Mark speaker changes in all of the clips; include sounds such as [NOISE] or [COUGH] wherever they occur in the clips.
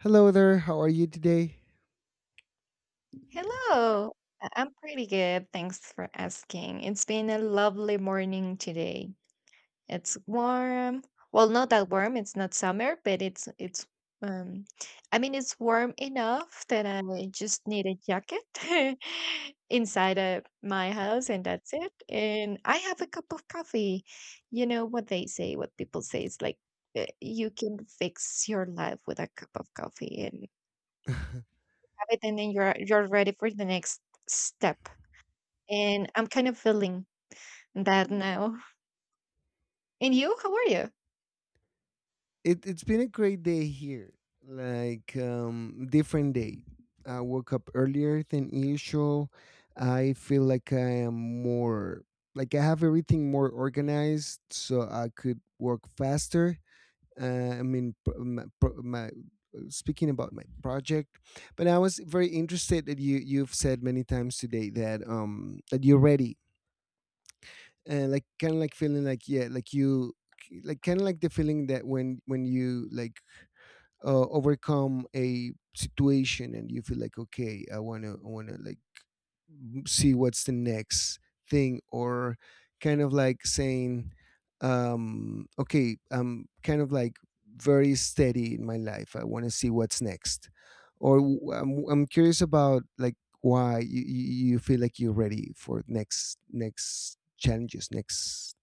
Speaker 1: Hello there, how are you today?
Speaker 2: Hello. I'm pretty good. Thanks for asking. It's been a lovely morning today. It's warm. Well, not that warm. It's not summer, but it's um I mean it's warm enough that I just need a jacket [LAUGHS] inside of my house, and that's it. And I have a cup of coffee. You know what they say, what people say is like, you can fix your life with a cup of coffee and
Speaker 1: [LAUGHS]
Speaker 2: have it, and then you're ready for the next step. And I'm kind of feeling that now. And you, how are you?
Speaker 1: It's been a great day here, like different day. I woke up earlier than usual. I feel like I am more, like I have everything more organized so I could work faster. I mean pro- my speaking about my project. But I was very interested that you've said many times today that that you're ready, and like kind of like feeling like, yeah, like you, like kind of like the feeling that when you like overcome a situation and you feel like, okay, I want to like see what's the next thing, or kind of like saying, okay, I'm kind of like very steady in my life, I want to see what's next. Or I'm curious about like why you feel like you're ready for next challenges, next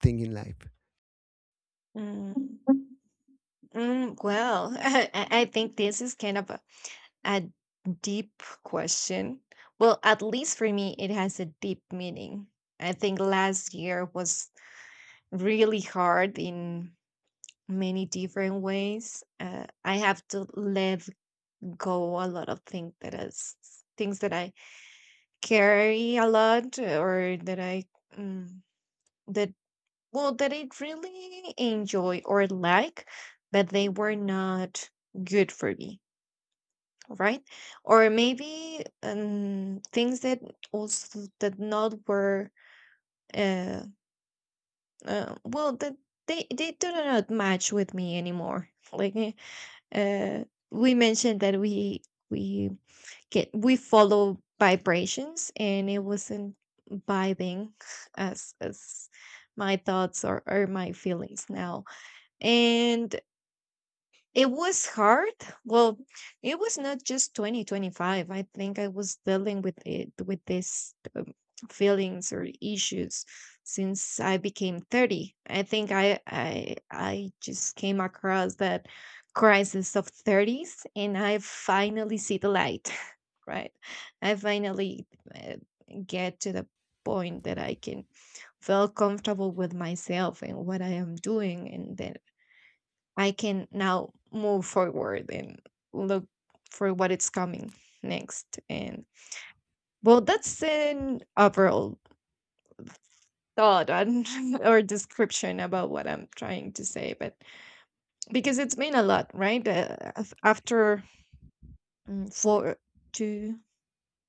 Speaker 1: thing in life.
Speaker 2: Mm. Mm, well, [LAUGHS] I think this is kind of a deep question. Well, at least for me, it has a deep meaning. I think last year was really hard in many different ways. I have to let go a lot of things that I carry a lot, or that I mm, that, well, that I really enjoy or like, but they were not good for me, right? Or maybe, things that also that not were, uh, well, that they do not match with me anymore. [LAUGHS] Like, uh, we mentioned that we we follow vibrations, and it wasn't vibing as my thoughts, or my feelings now. And it was hard. Well, it was not just 2025. I think I was dealing with it, with this, feelings or issues since I became 30. I think I just came across that crisis of 30s, and I finally see the light, [LAUGHS] right? I finally uh, get to the point that I can feel comfortable with myself and what I am doing, and then I can now move forward and look for what it's coming next. And, well, that's an overall thought and [LAUGHS] or description about what I'm trying to say, but because it's been a lot, right? After, four, two,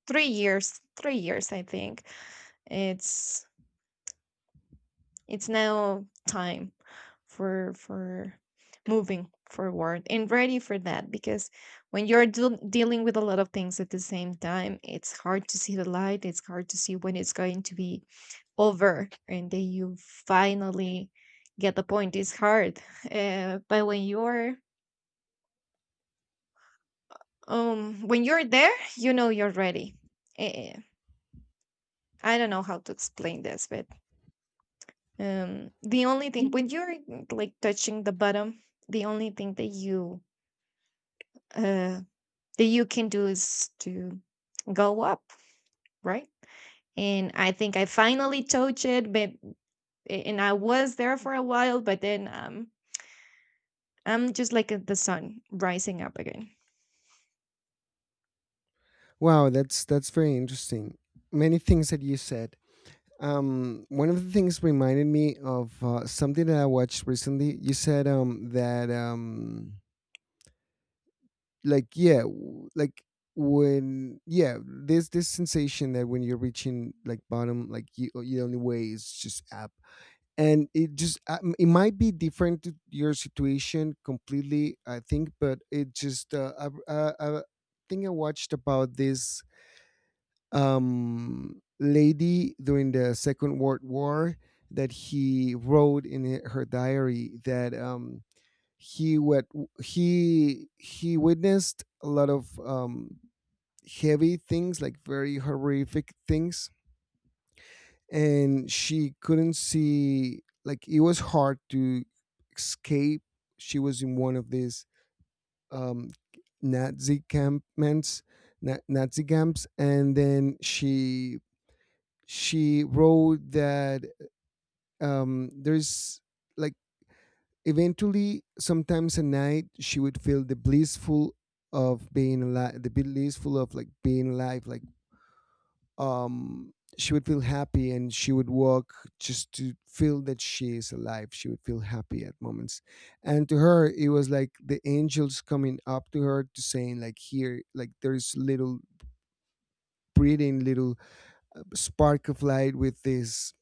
Speaker 2: 3 years, 3 years, I think it's it's now time for moving forward, and ready for that, because when you're dealing with a lot of things at the same time, it's hard to see the light. It's hard to see when it's going to be over, and then you finally get the point. It's hard. But when you're there, you know you're ready. Eh, I don't know how to explain this, but the only thing, when you're, like, touching the bottom, the only thing uh that you can do is to go up, right? And I think I finally touched it, but and I was there for a while, but then, I'm just like, the sun rising up again.
Speaker 1: Wow, that's very interesting. Many things that you said. One of the things reminded me of something that I watched recently. You said that like, yeah, like when, yeah, there's this sensation that when you're reaching like bottom, like you the only way is just up. And it just, it might be different to your situation completely, I think, but it just, I think I watched about this lady during the Second World War, that he wrote in her diary that, he what, he witnessed a lot of, heavy things, like very horrific things, and she couldn't see. Like it was hard to escape. She was in one of these, um, Nazi campments, Nazi camps, and then she wrote that, there's like, eventually sometimes at night she would feel the blissful of being alive, the blissful of like being alive, like um she would feel happy and she would walk just to feel that she is alive. She would feel happy at moments, and to her it was like the angels coming up to her, to saying like, here, like, there's little breathing, little spark of light with this,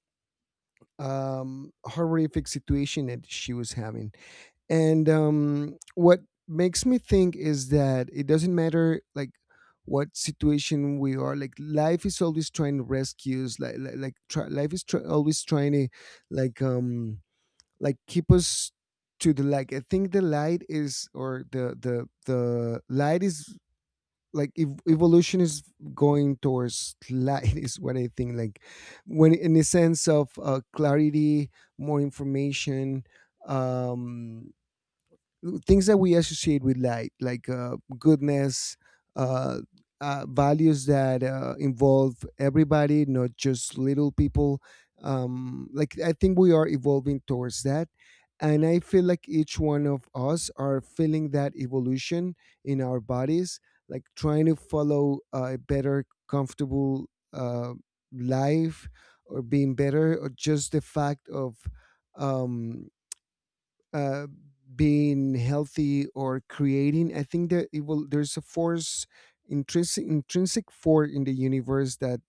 Speaker 1: horrific situation that she was having. And what makes me think is that it doesn't matter like what situation we are, like life is always trying to rescue us, like, like try, life is try, always trying to like, like, keep us to the light. I think the light is, or the light is like evolution is going towards light, [LAUGHS] is what I think. Like when, in the sense of clarity, more information, um things that we associate with light, like goodness, uh, values that involve everybody, not just little people. Like I think we are evolving towards that, and I feel like each one of us are feeling that evolution in our bodies, like trying to follow a better, comfortable life, or being better, or just the fact of um uh, being healthy or creating. I think that it will. There's a force, intrinsic force in the universe that,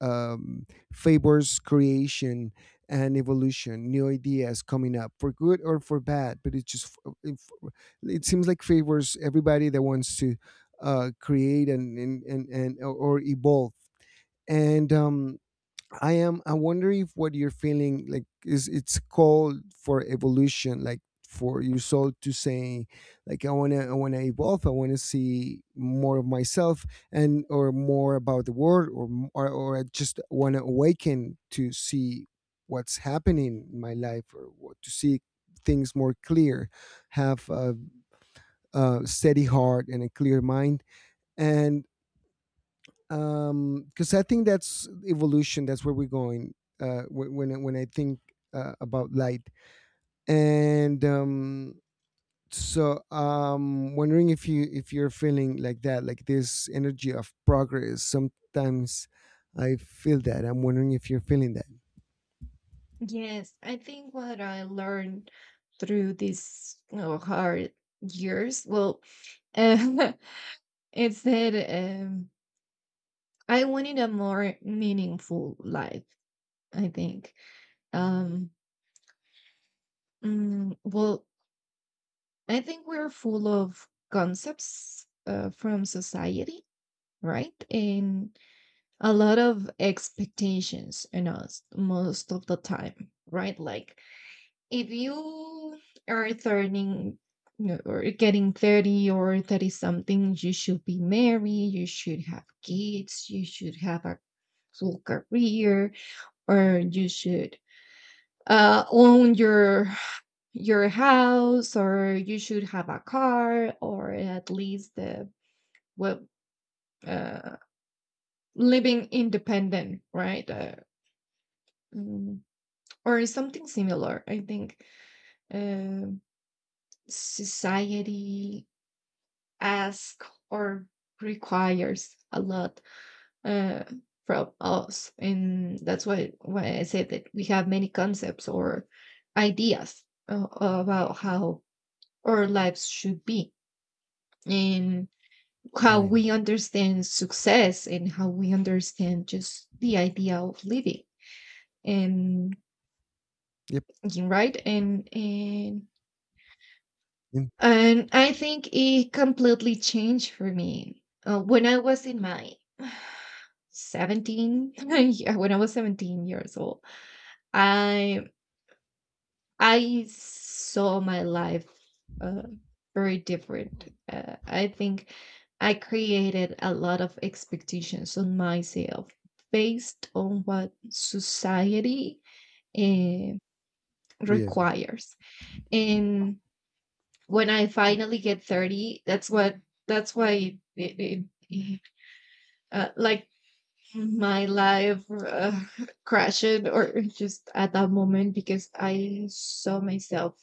Speaker 1: um, favors creation and evolution, new ideas coming up for good or for bad. But it just, it, it seems like favors everybody that wants to create and or evolve. And I am. I wonder if what you're feeling like is it's called for evolution, like for your soul to say, like, I wanna evolve. I wanna see more of myself, and or more about the world, or or I just wanna awaken to see what's happening in my life, or what, to see things more clear, have a steady heart and a clear mind, and because I think that's evolution, that's where we're going. When I think about light and so, wondering if you, if you're feeling like that, like this energy of progress. Sometimes I feel that. I'm wondering if you're feeling that.
Speaker 2: Yes, I think what I learned through these, hard years, well, uh, [LAUGHS] it's that, I wanted a more meaningful life. I think. Um, well, I think we're full of concepts, from society, right? And a lot of expectations on us most of the time, right? Like, if you are turning you or getting 30 or 30 something, you should be married, you should have kids, you should have a full career, or you should, own your house, or you should have a car, or at least the well, uh, living independent, right? Mm, or something similar, I think, um society asks or requires a lot, uh, from us. And that's why I said that we have many concepts or ideas, about how our lives should be, and how
Speaker 1: Brian?
Speaker 2: we understand success, and how we understand just the idea of living, and
Speaker 1: Yep.
Speaker 2: right. and and
Speaker 1: Mm.
Speaker 2: and I think it completely changed for me, when I was in my [SIGHS] 17 [LAUGHS] yeah, when I was 17 years old, i I saw my life, uh, very different. I think I created a lot of expectations on myself based on what society, eh,
Speaker 1: Yeah.
Speaker 2: requires. And when I finally get 30, that's why it, like, my life [LAUGHS] crashed, or just at that moment, because I saw myself,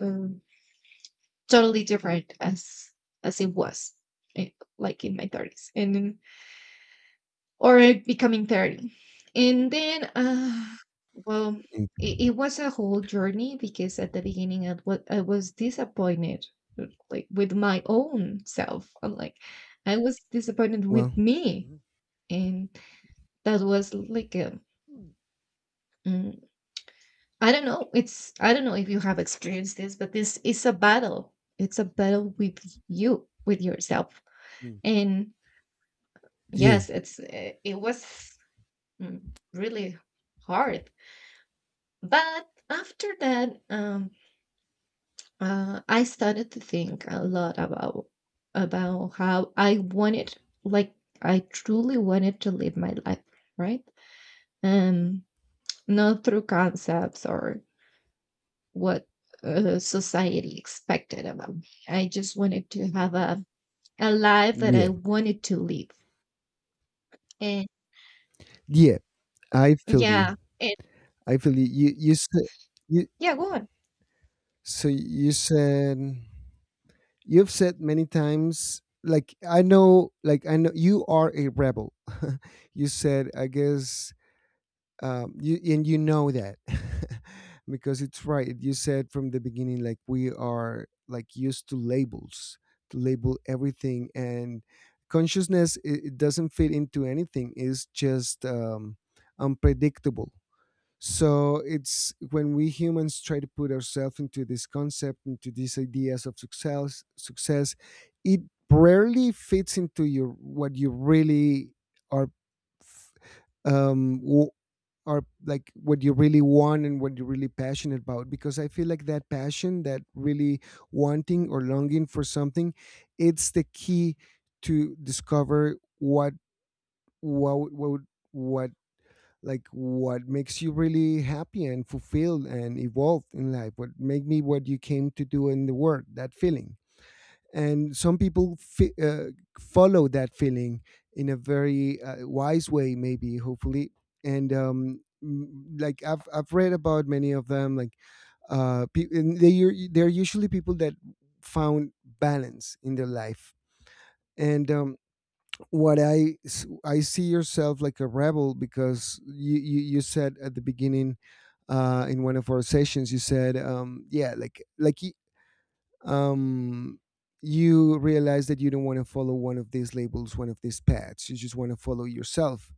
Speaker 2: Um, totally different as it was, eh, like, in my 30s, or becoming 30, and then, well,
Speaker 1: Mm.
Speaker 2: it was a whole journey, because at the beginning I was disappointed, like, with my own self. I'm like, I was disappointed with
Speaker 1: Well.
Speaker 2: me.
Speaker 1: Mhm.
Speaker 2: And that was like a, mm, I don't know. It's I don't know if you have experienced this, but this is a battle. It's a battle with you, with yourself.
Speaker 1: Mm.
Speaker 2: And
Speaker 1: Yeah.
Speaker 2: yes, it was, mm, really hard. But after that, I started to think a lot about how I wanted, like, I truly wanted to live my life, right? Um, Not through concepts, or what society expected about me. I just wanted to have a life that I
Speaker 1: Yeah.
Speaker 2: wanted to live, and
Speaker 1: Yeah, I feel you.
Speaker 2: yeah. And
Speaker 1: I feel you, you said, you,
Speaker 2: yeah, go on.
Speaker 1: so you said, you've said many times, like I know, like I know you are a rebel, [LAUGHS] you said, I guess, you, and you know that, [LAUGHS] because it's right. You said from the beginning like we are like used to labels, to label everything. And consciousness, it doesn't fit into anything. It's just, unpredictable. So it's when we humans try to put ourselves into this concept, into these ideas of success, it rarely fits into your, what you really are, um, w- are, like what you really want and what you're really passionate about. Because I feel like that passion, that really wanting or longing for something, it's the key to discover what, what what what like what makes you really happy and fulfilled and evolved in life, what make me, what you came to do in the world, that feeling. And some people follow that feeling in a very wise way, maybe hopefully. And like I've read about many of them, like and they're usually people that found balance in their life. And what I see yourself like a rebel because you said at the beginning, in one of our sessions, you said, yeah, like um, you realize that you don't want to follow one of these labels, one of these paths. You just want to follow yourself.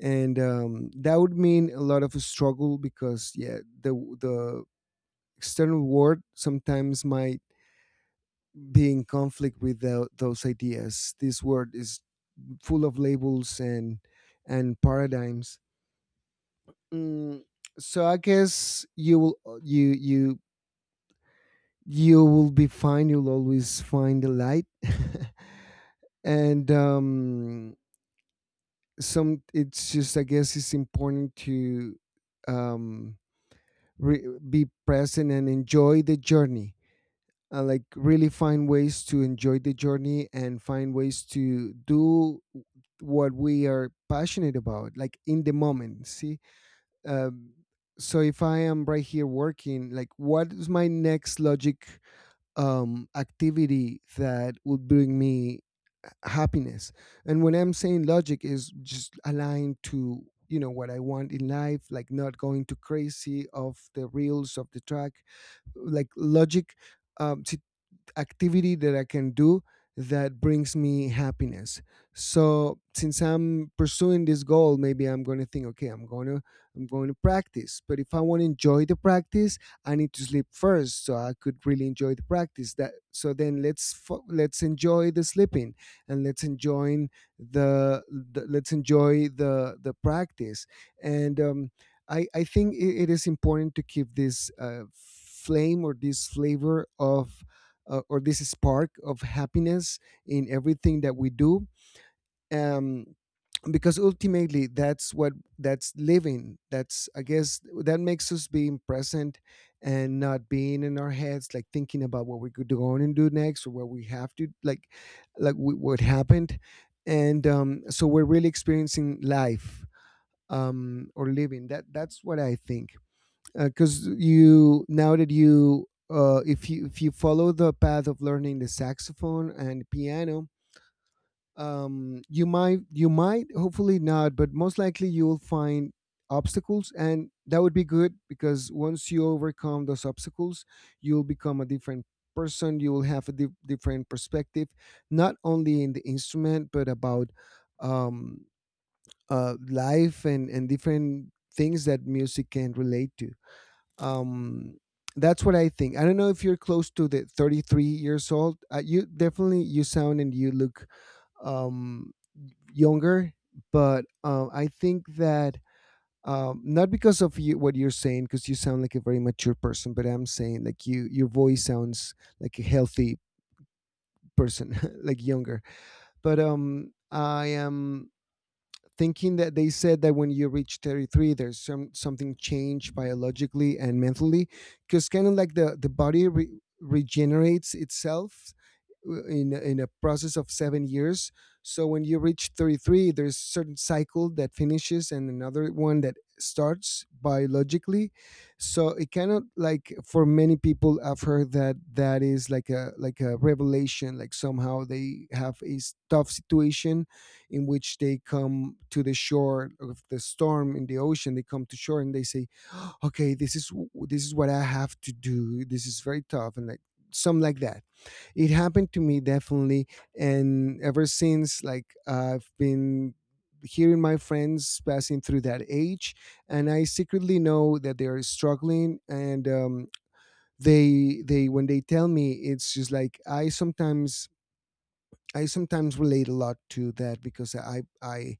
Speaker 1: And that would mean a lot of struggle, because, yeah, the the external world sometimes might be in conflict with those ideas. This world is full of labels and paradigms. Mm, so I guess you will, you will be fine. You'll always find the light, [LAUGHS] and some. It's just, I guess it's important to, um, be present and enjoy the journey. Like really find ways to enjoy the journey and find ways to do what we are passionate about, like in the moment, see, um, so if I am right here working, like what is my next logic activity that would bring me happiness. And when I'm saying logic, is just aligned to, you know, what I want in life, like not going too crazy of the reels of the track, like logic, um, activity that I can do that brings me happiness. So since I'm pursuing this goal, maybe I'm going to think, okay, I'm going to practice. But if I want to enjoy the practice, I need to sleep first, so I could really enjoy the practice. That, so then let's enjoy the sleeping and let's enjoy the let's enjoy the practice. And I think it is important to keep this flame, or this flavor of, or this spark of happiness in everything that we do, um, because ultimately that's what, that's living, that's, I guess, that makes us being present and not being in our heads, like thinking about what we could go on and do next, or what we have to like what happened. And so we're really experiencing life, or living. That that's what I think. Because you, now that you if you, if you follow the path of learning the saxophone and piano, you might, you might, hopefully not, but most likely you will find obstacles. And that would be good, because once you overcome those obstacles, you'll become a different person. You will have a different perspective, not only in the instrument, but about, um, life and different things that music can relate to. Um, that's what I think. I don't know if you're close to the 33 years old. Uh, you definitely, you sound and you look, um younger. But I think that, not because of you, what you're saying, because you sound like a very mature person, but I'm saying like you, your voice sounds like a healthy person, [LAUGHS] like younger. But I am thinking that they said that when you reach 33, there's some, something changed biologically and mentally, because kind of like the body regenerates itself, in a process of 7 years. So when you reach 33, there's certain cycle that finishes and another one that starts biologically. So it kind of like, for many people I've heard that, that is like a, like a revelation, like somehow they have tough situation in which they come to the shore of the storm in the ocean, they come to shore and they say, okay, this is, this is what I have to do, this is very tough And like some like that it happened to me definitely. And ever since, like, I've been hearing my friends passing through that age, and I secretly know that they are struggling. And they when they tell me, it's just like I sometimes relate a lot to that, because I I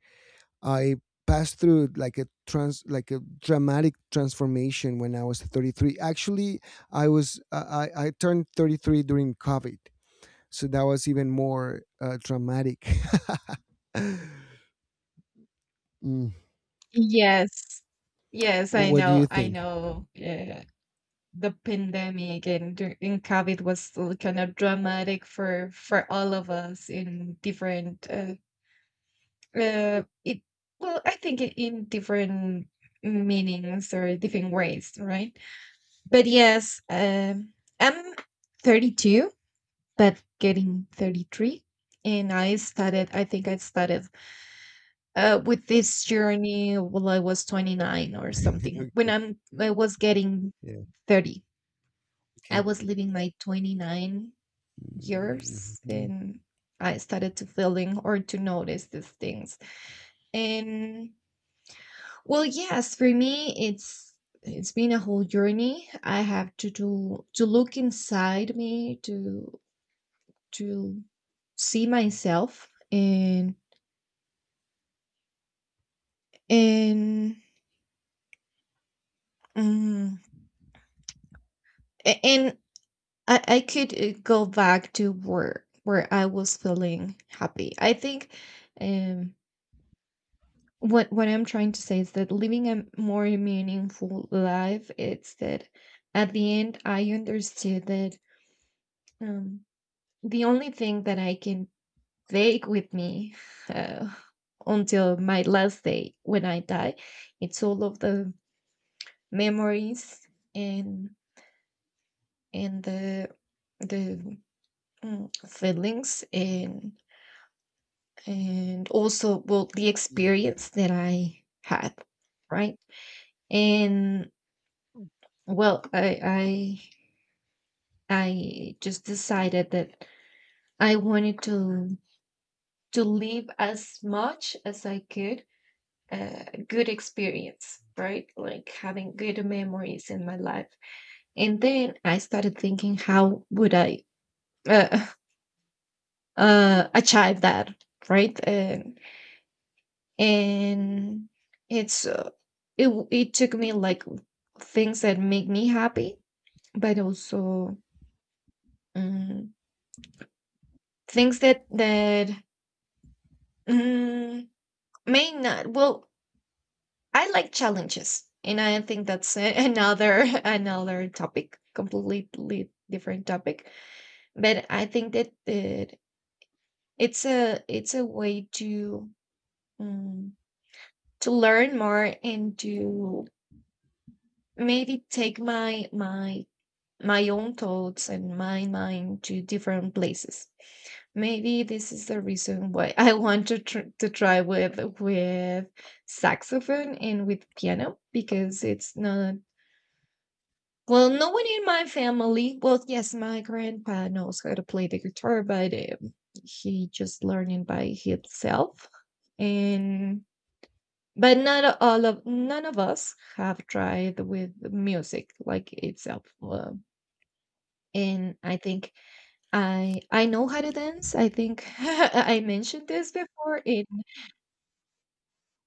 Speaker 1: I passed through like a dramatic transformation when I was 33. Actually, I was I turned 33 during COVID, so that was even more dramatic. [LAUGHS] Mm.
Speaker 2: Yes. Yes,
Speaker 1: What do you
Speaker 2: I
Speaker 1: think?
Speaker 2: know, yeah, the pandemic and COVID was kind of dramatic for all of us in different, it well, I think, I in different meanings or different ways, right? But yes, I'm 32, but getting 33, and I started, I think I started, with this journey when I was 29 or something.
Speaker 1: [LAUGHS]
Speaker 2: When I was getting
Speaker 1: Yeah.
Speaker 2: 30, I
Speaker 1: Okay.
Speaker 2: was living my 29 years,
Speaker 1: Mhm.
Speaker 2: and I started to feeling or to notice these things. And, well, yes, for me it's been a whole journey. I have to do to look inside me, to see myself, and and mm, and I could, go back to work where I was feeling happy. I think, um what I'm trying to say is that living a more meaningful life, it's that at the end I understood that, um the only thing that I can take with me, uh, until my last day when I die, it's all of the memories, and and the the, feelings, and also, well, the
Speaker 1: Yeah.
Speaker 2: experience that I had, right? And, well, I just decided that I wanted to live as much as I could a good experience, right? Like having good memories in my life. And then I started thinking, how would I, uh, [LAUGHS] achieve that, right? And it's uh, it took me, like, things that make me happy, but also, mm, things that, mm, may not. Well, I like challenges, and I think that's another [LAUGHS] another topic, completely different topic. But I think that it's a way to, mm, to learn more, and to, maybe, take my own thoughts and my mind to different places. Maybe this is the reason why [LAUGHS] I want to tr to try with saxophone and with piano, because it's not, well, no one in my family. Well, yes, my grandpa knows how to play the guitar, but, he just learning by himself. And, but not all of none of us have tried with music like itself. And I think I know how to dance. I think [LAUGHS] I mentioned this before.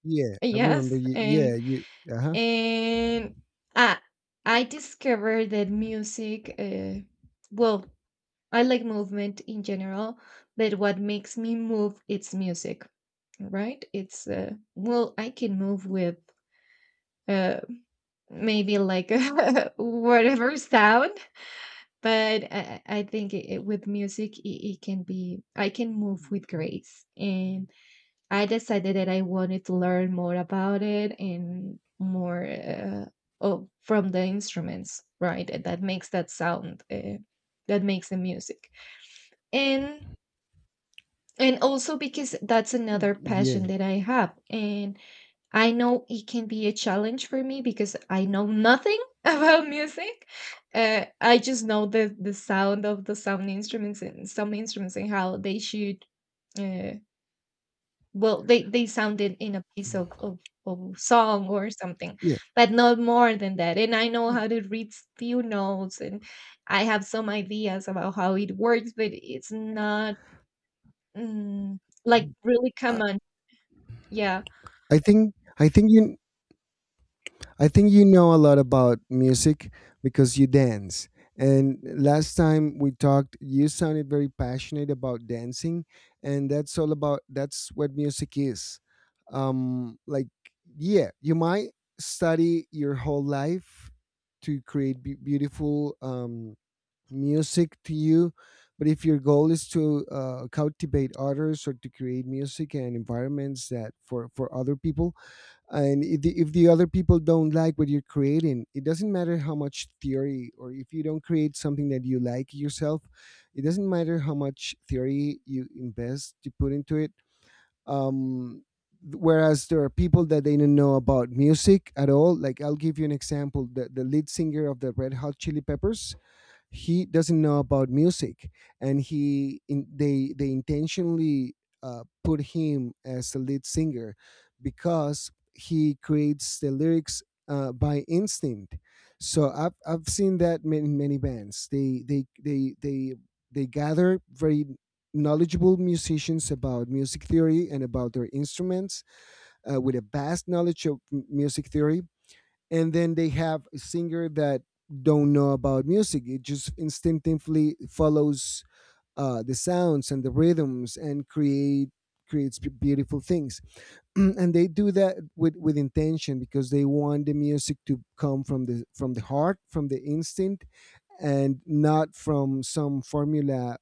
Speaker 1: Yeah. I remember
Speaker 2: Yes,
Speaker 1: you. Yeah.
Speaker 2: and
Speaker 1: You. Uh huh.
Speaker 2: and I I discovered that music. Well, I like movement in general, but what makes me move, it's music, right? It's, well, I can move with, uh, maybe, like, [LAUGHS] whatever sound, but I think with music, it can be, I can move with grace. And I decided that I wanted to learn more about it, and more, from the instruments, right? That, that makes that sound, that makes the music, and and also, because that's another passion
Speaker 1: Yeah.
Speaker 2: that I have. And I know it can be a challenge for me, because I know nothing [LAUGHS] about music. I just know the sound of the sound instruments, and some instruments, and how they should. Uh, well, they sounded in a piece of song or something.
Speaker 1: Yeah.
Speaker 2: But not more than that. And I know how to read few notes, and I have some ideas about how it works, but it's not, mm, like, really
Speaker 1: I,
Speaker 2: common. Yeah.
Speaker 1: I think. I think you I think you know a lot about music because you dance. And last time we talked, you sounded very passionate about dancing, and that's all about that's what music is. Um, like, yeah, you might study your whole life to create beautiful music to you, but if your goal is to cultivate others or to create music and environments that for other people, and if the other people don't like what you're creating, it doesn't matter how much theory. Or if you don't create something that you like yourself, it doesn't matter how much theory you invest, you put into it. um Whereas there are people that they don't know about music at all. Like, I'll give you an example: the lead singer of the Red Hot Chili Peppers, he doesn't know about music. And they intentionally put him as the lead singer because he creates the lyrics by instinct. So I've seen that many, many bands, they gather very knowledgeable musicians about music theory and about their instruments, with a vast knowledge of music theory, and then they have a singer that don't know about music. It just instinctively follows the sounds and the rhythms and creates beautiful things. [CLEARS THROAT] And they do that with intention because they want the music to come from the heart, from the instinct, and not from some formula,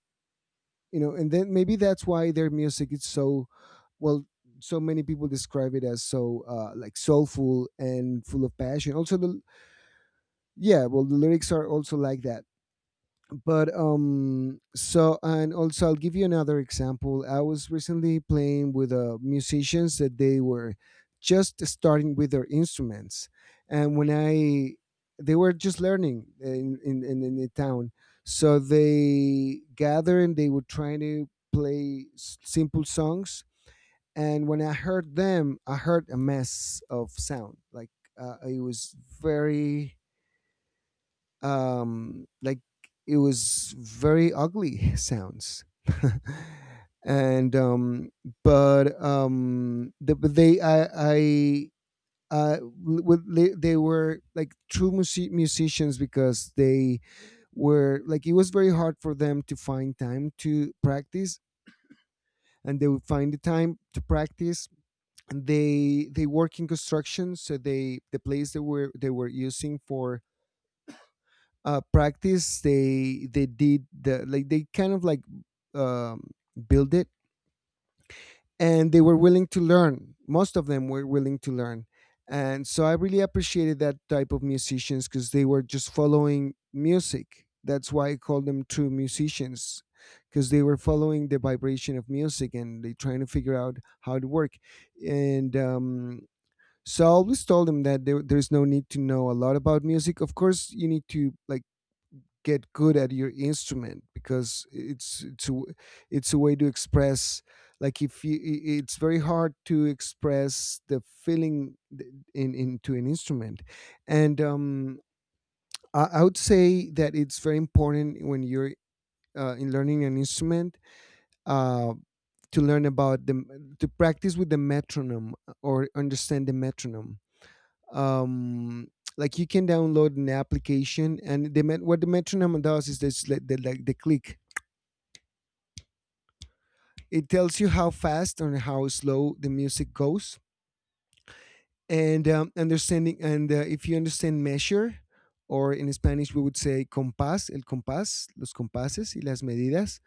Speaker 1: you know. And then maybe that's why their music is so, well, so many people describe it as so like soulful and full of passion. Also, the yeah well the lyrics are also like that. But and also, I'll give you another example. I was recently playing with musicians that they were just starting with their instruments, and when I they were just learning in the town. So they gather and they were trying to play simple songs, and when I heard them, I heard a mess of sound. Like, it was very, um, like it was very ugly [LAUGHS] sounds [LAUGHS] and um but they I uh with they were like true musicians, because they were like, it was very hard for them to find time to practice, and they would find the time to practice. And they work in construction, so the place they were, they were using for practice, they did the, like, they kind of like, um, build it. And they were willing to learn. Most of them were willing to learn. And so I really appreciated that type of musicians, because they were just following music. That's why I call them true musicians, because they were following the vibration of music and they trying to figure out how to work. And so I always told them that there's no need to know a lot about music. Of course you need to, like, get good at your instrument, because it's a way to express. Like, if it's very hard to express the feeling th- in into an instrument. And I would say that it's very important when you're in learning an instrument uh to learn about the, to practice with the metronome, or understand the metronome. um like, you can download an application, and the what the metronome does is this, like the click. It tells you how fast or how slow the music goes. And understanding, and if you understand measure, or in Spanish we would say compás, el compás, los compases y las medidas.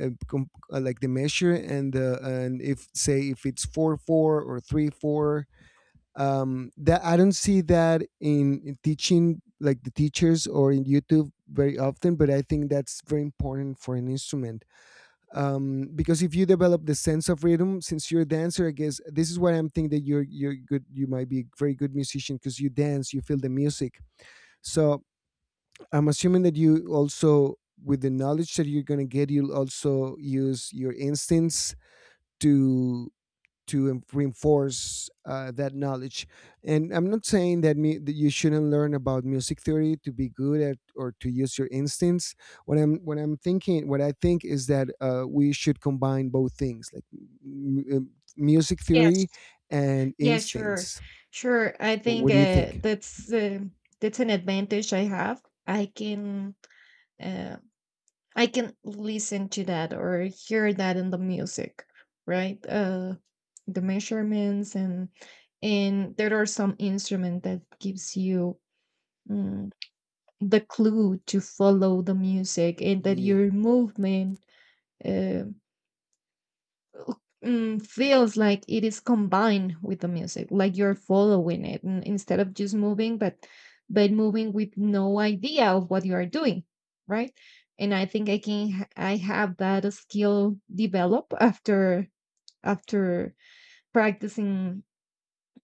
Speaker 1: Like the measure, and if, say, if it's 4/4 or 3/4. Um, that I don't see that in teaching, like the teachers, or in YouTube very often, but I think that's very important for an instrument. Um, because if you develop the sense of rhythm, since you're a dancer, I guess this is why I'm thinking that you're good, you might be a very good musician, because you dance, you feel the music. So I'm assuming that you also, with the knowledge that you're going to get, you'll also use your instincts to reinforce that knowledge. And I'm not saying that, me, that you shouldn't learn about music theory to be good at or to use your instincts. What I think is that we should combine both things, like m- m- music theory
Speaker 2: Yes.
Speaker 1: and
Speaker 2: Yeah. Sure,
Speaker 1: instincts.
Speaker 2: sure, I think,
Speaker 1: What do you think?
Speaker 2: that's an advantage I have. i can uh, I can listen to that or hear that in the music, right? The measurements, and there are some instrument that gives you, mm, the clue to follow the music and that
Speaker 1: Yeah.
Speaker 2: your movement, uh, feels like it is combined with the music, like you're following it, and instead of just moving, but moving with no idea of what you are doing, right? And I think I have that skill develop, after practicing,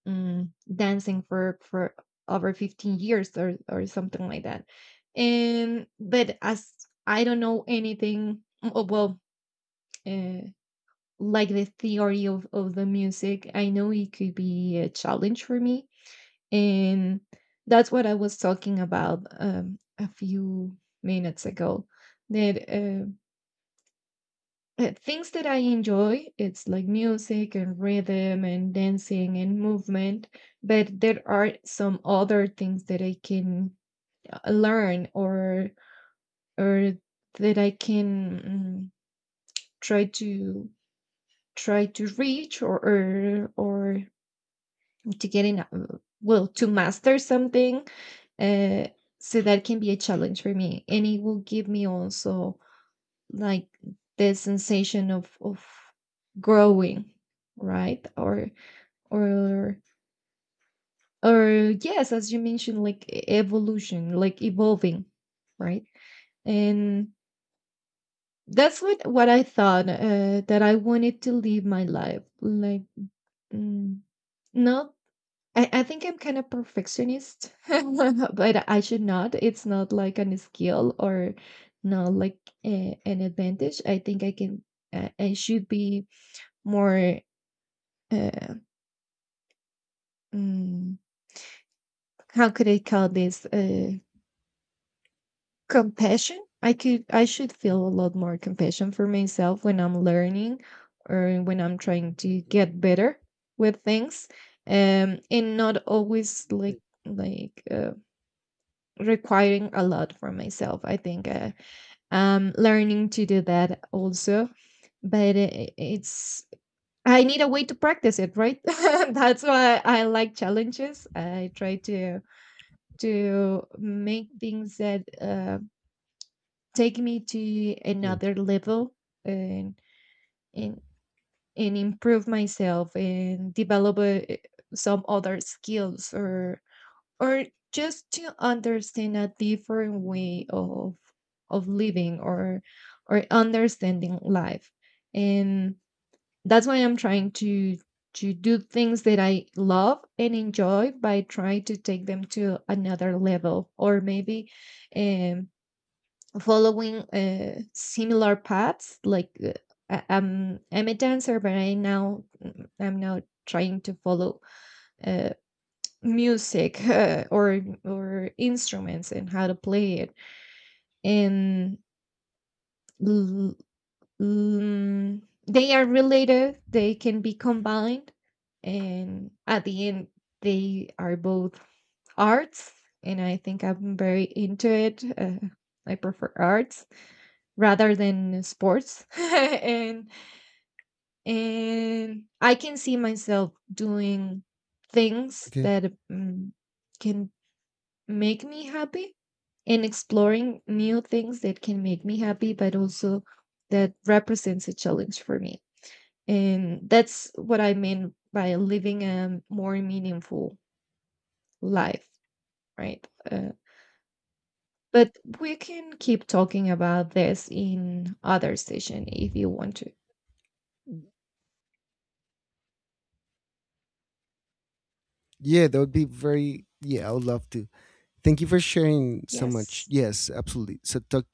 Speaker 2: dancing for over 15 years or something like that. And, but as I don't know anything, oh, well, uh, like, the theory of the music, I know it could be a challenge for me. And that's what I was talking about, a few minutes ago. That, things that I enjoy, it's like music and rhythm and dancing and movement, but there are some other things that I can, learn, or that I can, try to try to reach, or to getting, well, to master something, uh, so that can be a challenge for me, and it will give me also, like, the sensation of growing, right? Or or or yes, as you mentioned, like, evolution, like evolving, right? And that's what I thought, that I wanted to live my life, like, mm, not, I think I'm kind of perfectionist, [LAUGHS] but I should not. It's not like an skill, or not like an advantage. I think I should be more, uh, mm, how could I call this? Compassion. I could, I should feel a lot more compassion for myself when I'm learning, or when I'm trying to get better with things. And not always,
Speaker 1: But,
Speaker 2: like, requiring a lot for myself. I think, I'm learning to do that also, but it's, I need a way to practice it, right? [LAUGHS] That's why I like challenges. I try to make things that, take me to
Speaker 1: yeah.
Speaker 2: another
Speaker 1: Okay.
Speaker 2: level, and and and improve myself, and develop, some other skills, or just to understand a different way of living, or understanding life. And that's why I'm trying to do things that I love and enjoy, by trying to take them to another level, or maybe, um following, similar paths, like, I'm a dancer, but I'm now trying to follow, uh, music, [LAUGHS] or instruments, and how to play it, and l- l- they are related. They can be combined, and at the end they are both arts. And I think I'm very into it. I prefer arts rather than sports. [LAUGHS] And I can see myself doing things
Speaker 1: Okay.
Speaker 2: that, can make me happy, and exploring new things that can make me happy, but also that represents a challenge for me. And that's what I mean by living a more meaningful life, right? But we can keep talking about this in other session if you want to.
Speaker 1: Yeah, that would be very. Yeah, I would love to. Thank you for sharing so much.
Speaker 2: Yes.
Speaker 1: Yes, absolutely. So, talk